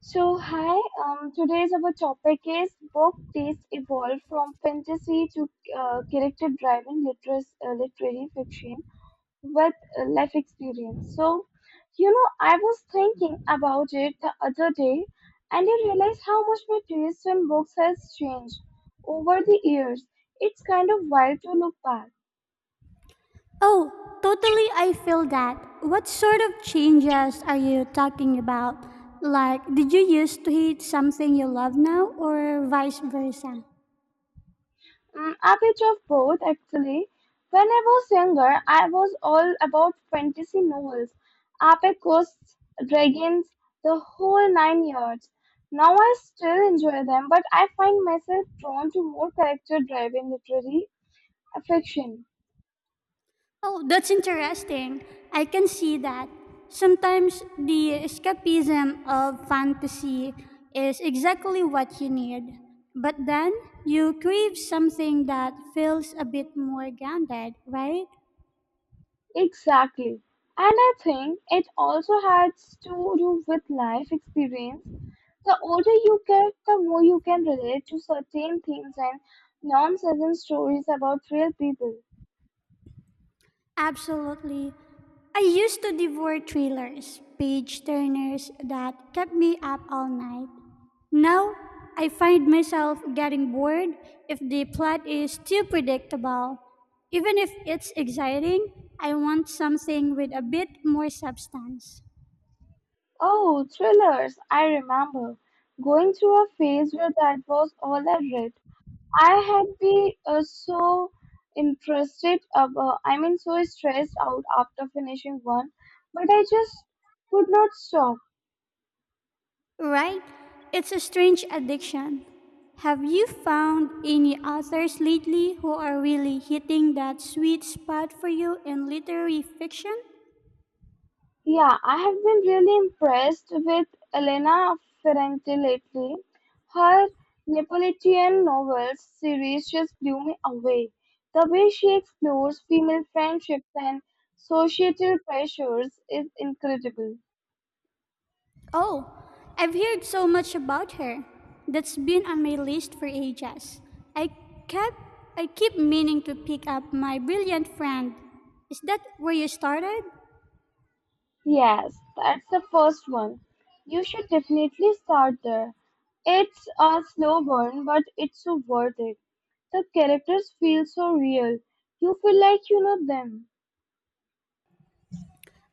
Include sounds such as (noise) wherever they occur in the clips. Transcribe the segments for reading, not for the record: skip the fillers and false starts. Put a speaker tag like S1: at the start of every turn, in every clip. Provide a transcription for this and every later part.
S1: So hi, today's our topic is book taste evolved from fantasy to character driven literary fiction with life experience. So, I was thinking about it the other day, and I realized how much my taste in books has changed over the years. It's kind of wild to look back.
S2: Oh, totally, I feel that. What sort of changes are you talking about? Like, did you used to hate something you love now, or vice versa?
S1: Mm, a bit of both, actually. When I was younger, I was all about fantasy novels, epic ghosts, dragons, the whole nine yards. Now I still enjoy them, but I find myself drawn to more character-driven literary fiction.
S2: Oh, that's interesting. I can see that. Sometimes the escapism of fantasy is exactly what you need. But then you crave something that feels a bit more grounded, right?
S1: Exactly. And I think it also has to do with life experience. The older you get, the more you can relate to certain themes and nonsense stories about real people.
S2: Absolutely. I used to devour thrillers, page turners that kept me up all night. Now, I find myself getting bored if the plot is too predictable. Even if it's exciting, I want something with a bit more substance.
S1: Oh, thrillers! I remember going through a phase where that was all I read. I had been so interested, about, I mean, so stressed out after finishing one, but I just could not stop.
S2: Right? It's a strange addiction. Have you found any authors lately who are really hitting that sweet spot for you in literary fiction?
S1: Yeah, I have been really impressed with Elena Ferrante lately. Her Neapolitan novels series just blew me away. The way she explores female friendships and societal pressures is incredible.
S2: Oh, I've heard so much about her. That's been on my list for ages. I kept I keep meaning to pick up My Brilliant Friend. Is that where you started?
S1: Yes, that's the first one. You should definitely start there. It's a slow burn, but it's so worth it. The characters feel so real. You feel like you know them.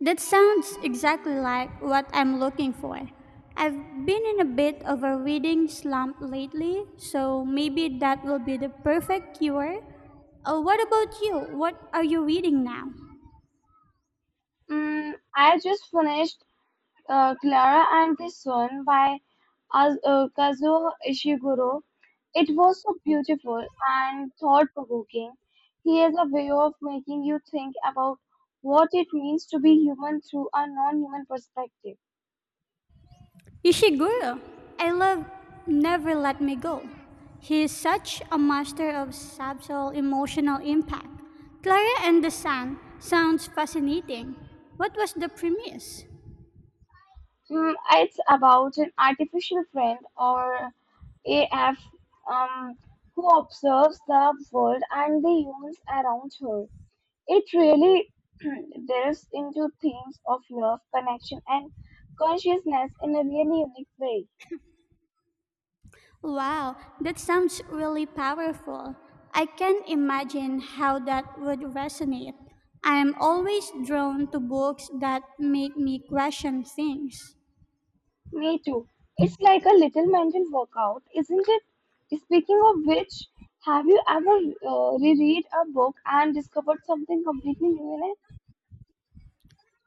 S2: That sounds exactly like what I'm looking for. I've been in a bit of a reading slump lately, so maybe that will be the perfect cure. Oh, what about you? What are you reading now?
S1: Mm, I just finished Clara and the Sun by Az Kazuo Ishiguro. It was so beautiful and thought-provoking. He has a way of making you think about what it means to be human through a non-human perspective.
S2: Ishiguro, I love Never Let Me Go. He is such a master of subtle emotional impact. Clara and the Sun sounds fascinating. What was the premise?
S1: Mm, it's about an artificial friend or AF um, who observes the world and the humans around her. It really (clears throat) delves into themes of love, connection, and consciousness in a really unique way.
S2: Wow, that sounds really powerful. I can't imagine how that would resonate. I am always drawn to books that make me question things.
S1: Me too. It's like a little mental workout, isn't it? Speaking of which, have you ever reread a book and discovered something completely new in it?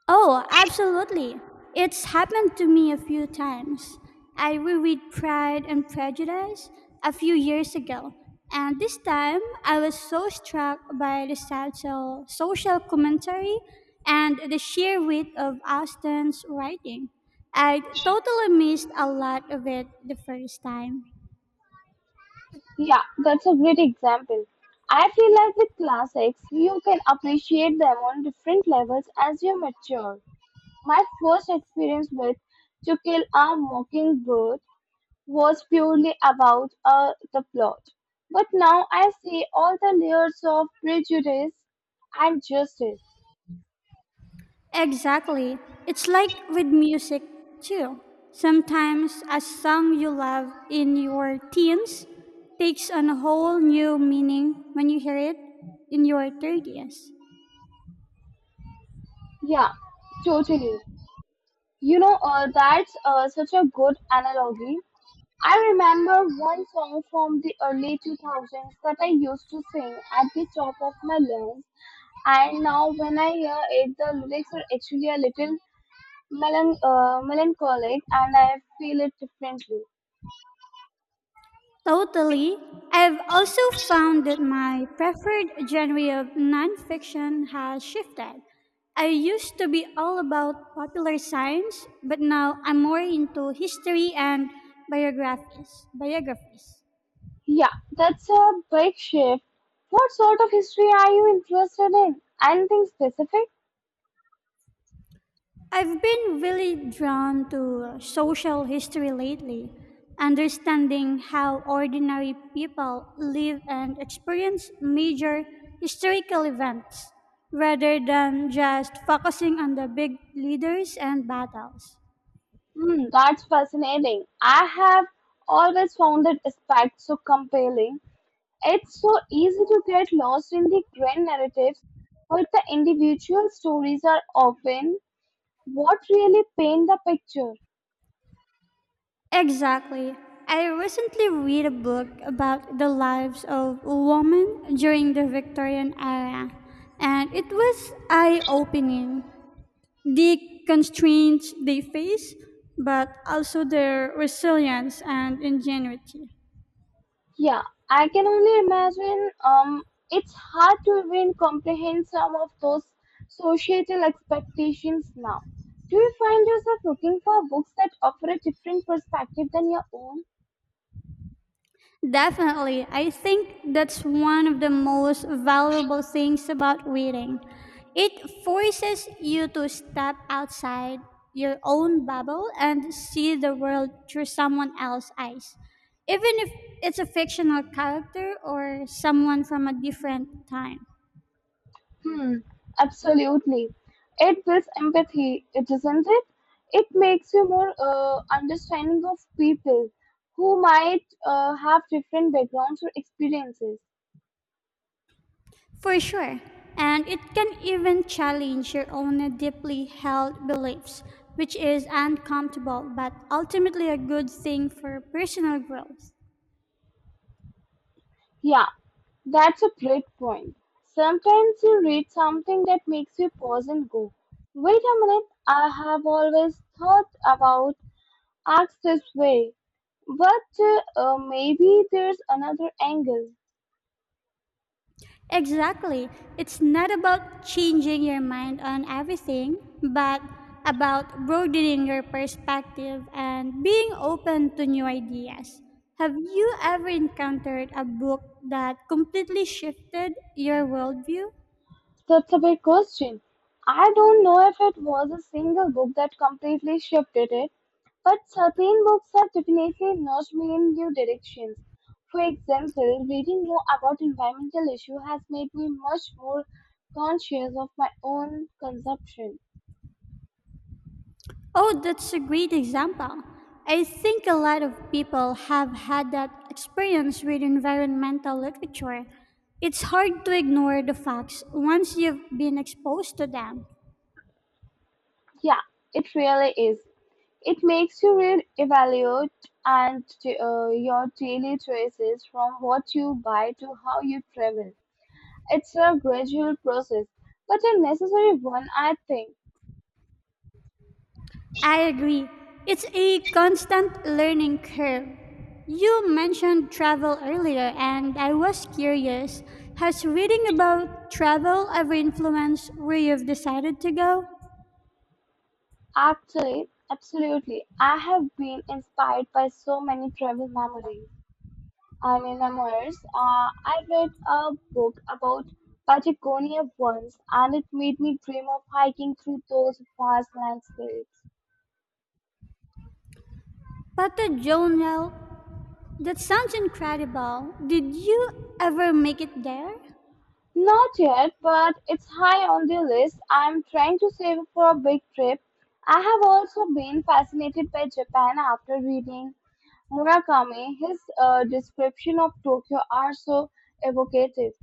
S2: Oh, absolutely. It's happened to me a few times. I reread Pride and Prejudice a few years ago, and this time I was so struck by the social commentary and the sheer wit of Austen's writing. I totally missed a lot of it the first time.
S1: Yeah, that's a great example. I feel like with classics, you can appreciate them on different levels as you mature. My first experience with To Kill a Mockingbird was purely about the plot. But now I see all the layers of prejudice and justice.
S2: Exactly. It's like with music too. Sometimes a song you love in your teens takes on a whole new meaning when you hear it in your 30s.
S1: Yeah, totally. That's such a good analogy. I remember one song from the early 2000s that I used to sing at the top of my lungs, and now when I hear it, the lyrics are actually a little melancholic and I feel it differently.
S2: Totally. I've also found that my preferred genre of nonfiction has shifted. I used to be all about popular science, but now I'm more into history and biographies. Biographies.
S1: Yeah, that's a big shift. What sort of history are you interested in? Anything specific?
S2: I've been really drawn to social history lately, understanding how ordinary people live and experience major historical events rather than just focusing on the big leaders and battles.
S1: Hmm, that's fascinating. I have always found that aspect so compelling. It's so easy to get lost in the grand narratives, but the individual stories are often what really paint the picture.
S2: Exactly. I recently read a book about the lives of women during the Victorian era, and it was eye opening: the constraints they face, but also their resilience and ingenuity.
S1: Yeah, I can only imagine. It's hard to even comprehend some of those societal expectations now. Do you find yourself looking for books that offer a different perspective than your own?
S2: Definitely, I think that's one of the most valuable things about reading. It forces you to step outside your own bubble and see the world through someone else's eyes. Even if it's a fictional character or someone from a different time.
S1: Hmm, absolutely. It builds empathy, it isn't it? It makes you more understanding of people who might have different backgrounds or experiences.
S2: For sure. And it can even challenge your own deeply held beliefs, which is uncomfortable but ultimately a good thing for personal growth.
S1: Yeah, that's a great point. Sometimes you read something that makes you pause and go, wait a minute, I have always thought about acts this way, but maybe there's another angle.
S2: Exactly. It's not about changing your mind on everything, but about broadening your perspective and being open to new ideas. Have you ever encountered a book that completely shifted your worldview?
S1: That's a big question. I don't know if it was a single book that completely shifted it, but certain books have definitely nudged me in new directions. For example, reading more about environmental issues has made me much more conscious of my own consumption.
S2: Oh, that's a great example. I think a lot of people have had that experience with environmental literature. It's hard to ignore the facts once you've been exposed to them.
S1: Yeah, it really is. It makes you re evaluate and your daily choices from what you buy to how you travel. It's a gradual process, but a necessary one I think.
S2: I agree. It's a constant learning curve. You mentioned travel earlier, and I was curious, has reading about travel ever influenced where you've decided to go?
S1: Actually, absolutely. I have been inspired by so many travel memories. I mean, memoirs. I read a book about Patagonia once, and it made me dream of hiking through those vast landscapes.
S2: Pata Jonel. That sounds incredible. Did you ever make it there?
S1: Not yet, but it's high on the list. I'm trying to save for a big trip. I have also been fascinated by Japan after reading Murakami, his description of Tokyo are so evocative.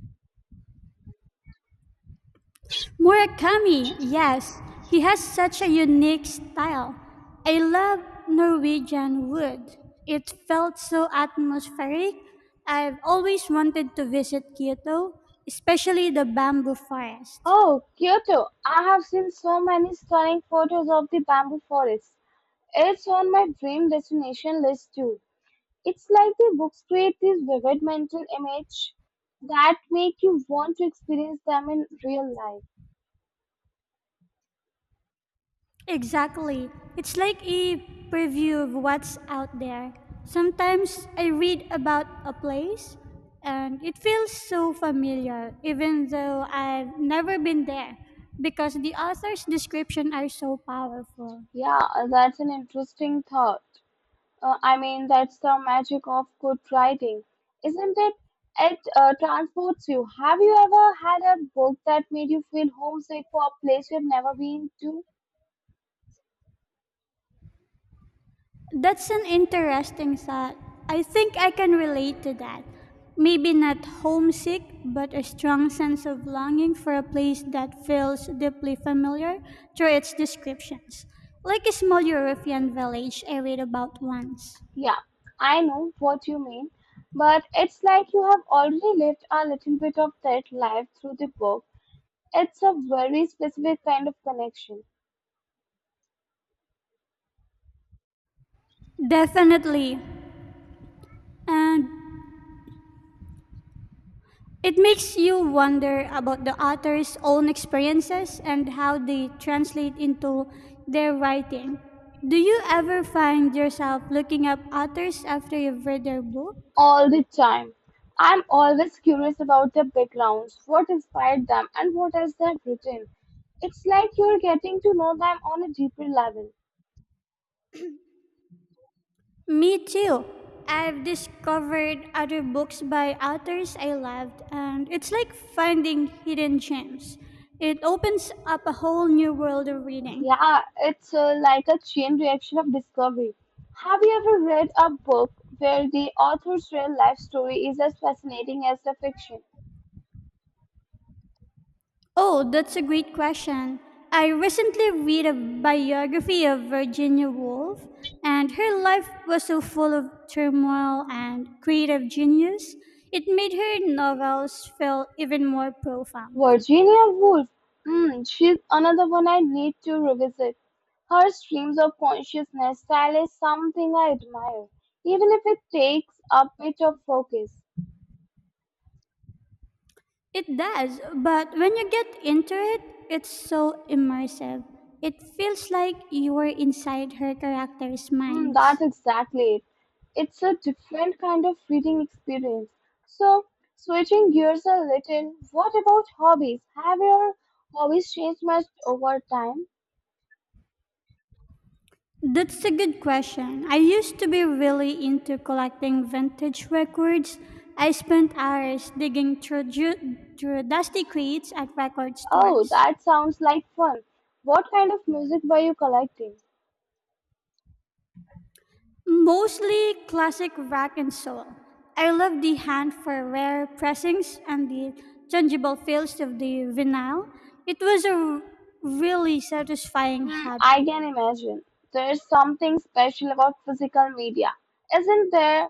S2: Murakami, yes. He has such a unique style. I love Norwegian Wood. It felt so atmospheric. I've always wanted to visit Kyoto, especially the bamboo forest.
S1: Oh, Kyoto! I have seen so many stunning photos of the bamboo forests. It's on my dream destination list too. It's like the books create these vivid mental images that make you want to experience them in real life.
S2: Exactly. It's like a preview of what's out there. Sometimes I read about a place and it feels so familiar, even though I've never been there, because the author's description are so powerful.
S1: Yeah, that's an interesting thought. I mean, that's the magic of good writing, isn't it? It transports you. Have you ever had a book that made you feel homesick for a place you've never been to?
S2: That's an interesting thought. I think I can relate to that. Maybe not homesick, but a strong sense of longing for a place that feels deeply familiar through its descriptions, like a small European village I read about once.
S1: Yeah, I know what you mean, but it's like you have already lived a little bit of that life through the book. It's a very specific kind of connection.
S2: Definitely. And it makes you wonder about the author's own experiences and how they translate into their writing. Do you ever find yourself looking up authors after you've read their book?
S1: All the time. I'm always curious about their backgrounds, what inspired them, and what else they have written. It's like you're getting to know them on a deeper level.
S2: Me too. I've discovered other books by authors I loved, and it's like finding hidden gems. It opens up a whole new world of reading.
S1: Yeah, it's like a chain reaction of discovery. Have you ever read a book where the author's real life story is as fascinating as the fiction?
S2: Oh, that's a great question. I recently read a biography of Virginia Woolf, and her life was so full of turmoil and creative genius, it made her novels feel even more profound.
S1: Virginia Woolf, she's another one I need to revisit. Her streams of consciousness style is something I admire, even if it takes a bit of focus.
S2: It does, but when you get into it, it's so immersive. It feels like you are inside her characters'
S1: Mm,
S2: minds.
S1: that's exactly it. It's a different kind of reading experience. So, switching gears a little, what about hobbies? Have your hobbies changed much over time?
S2: That's a good question. I used to be really into collecting vintage records. I spent hours digging through dusty crates at record
S1: Oh,
S2: stores,
S1: that sounds like fun. What kind of music were you collecting?
S2: mostly classic rock and soul. I love the hand for rare pressings and the tangible feels of the vinyl. It was a really satisfying
S1: Hmm,
S2: hobby.
S1: I can imagine. There's something special about physical media, isn't there?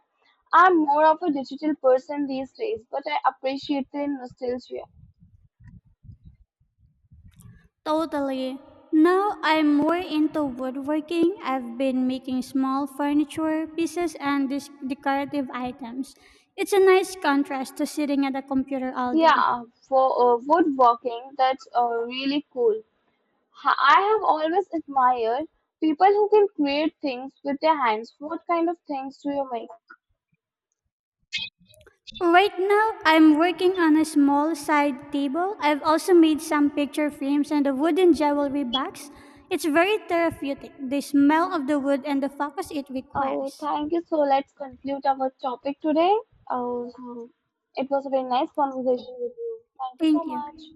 S1: I'm more of a digital person these days, but I appreciate the nostalgia.
S2: Totally. Now I'm more into woodworking. I've been making small furniture pieces and decorative items. It's a nice contrast to sitting at a computer all day.
S1: Yeah, for woodworking, that's really cool. I have always admired people who can create things with their hands. What kind of things do you make?
S2: Right now, I'm working on a small side table. I've also made some picture frames and a wooden jewelry box. It's very therapeutic, the smell of the wood and the focus it
S1: Oh,
S2: requires.
S1: thank you. So let's conclude our topic today. Oh, so it was a very nice conversation with you. Thank you so
S2: Thank
S1: much.
S2: you.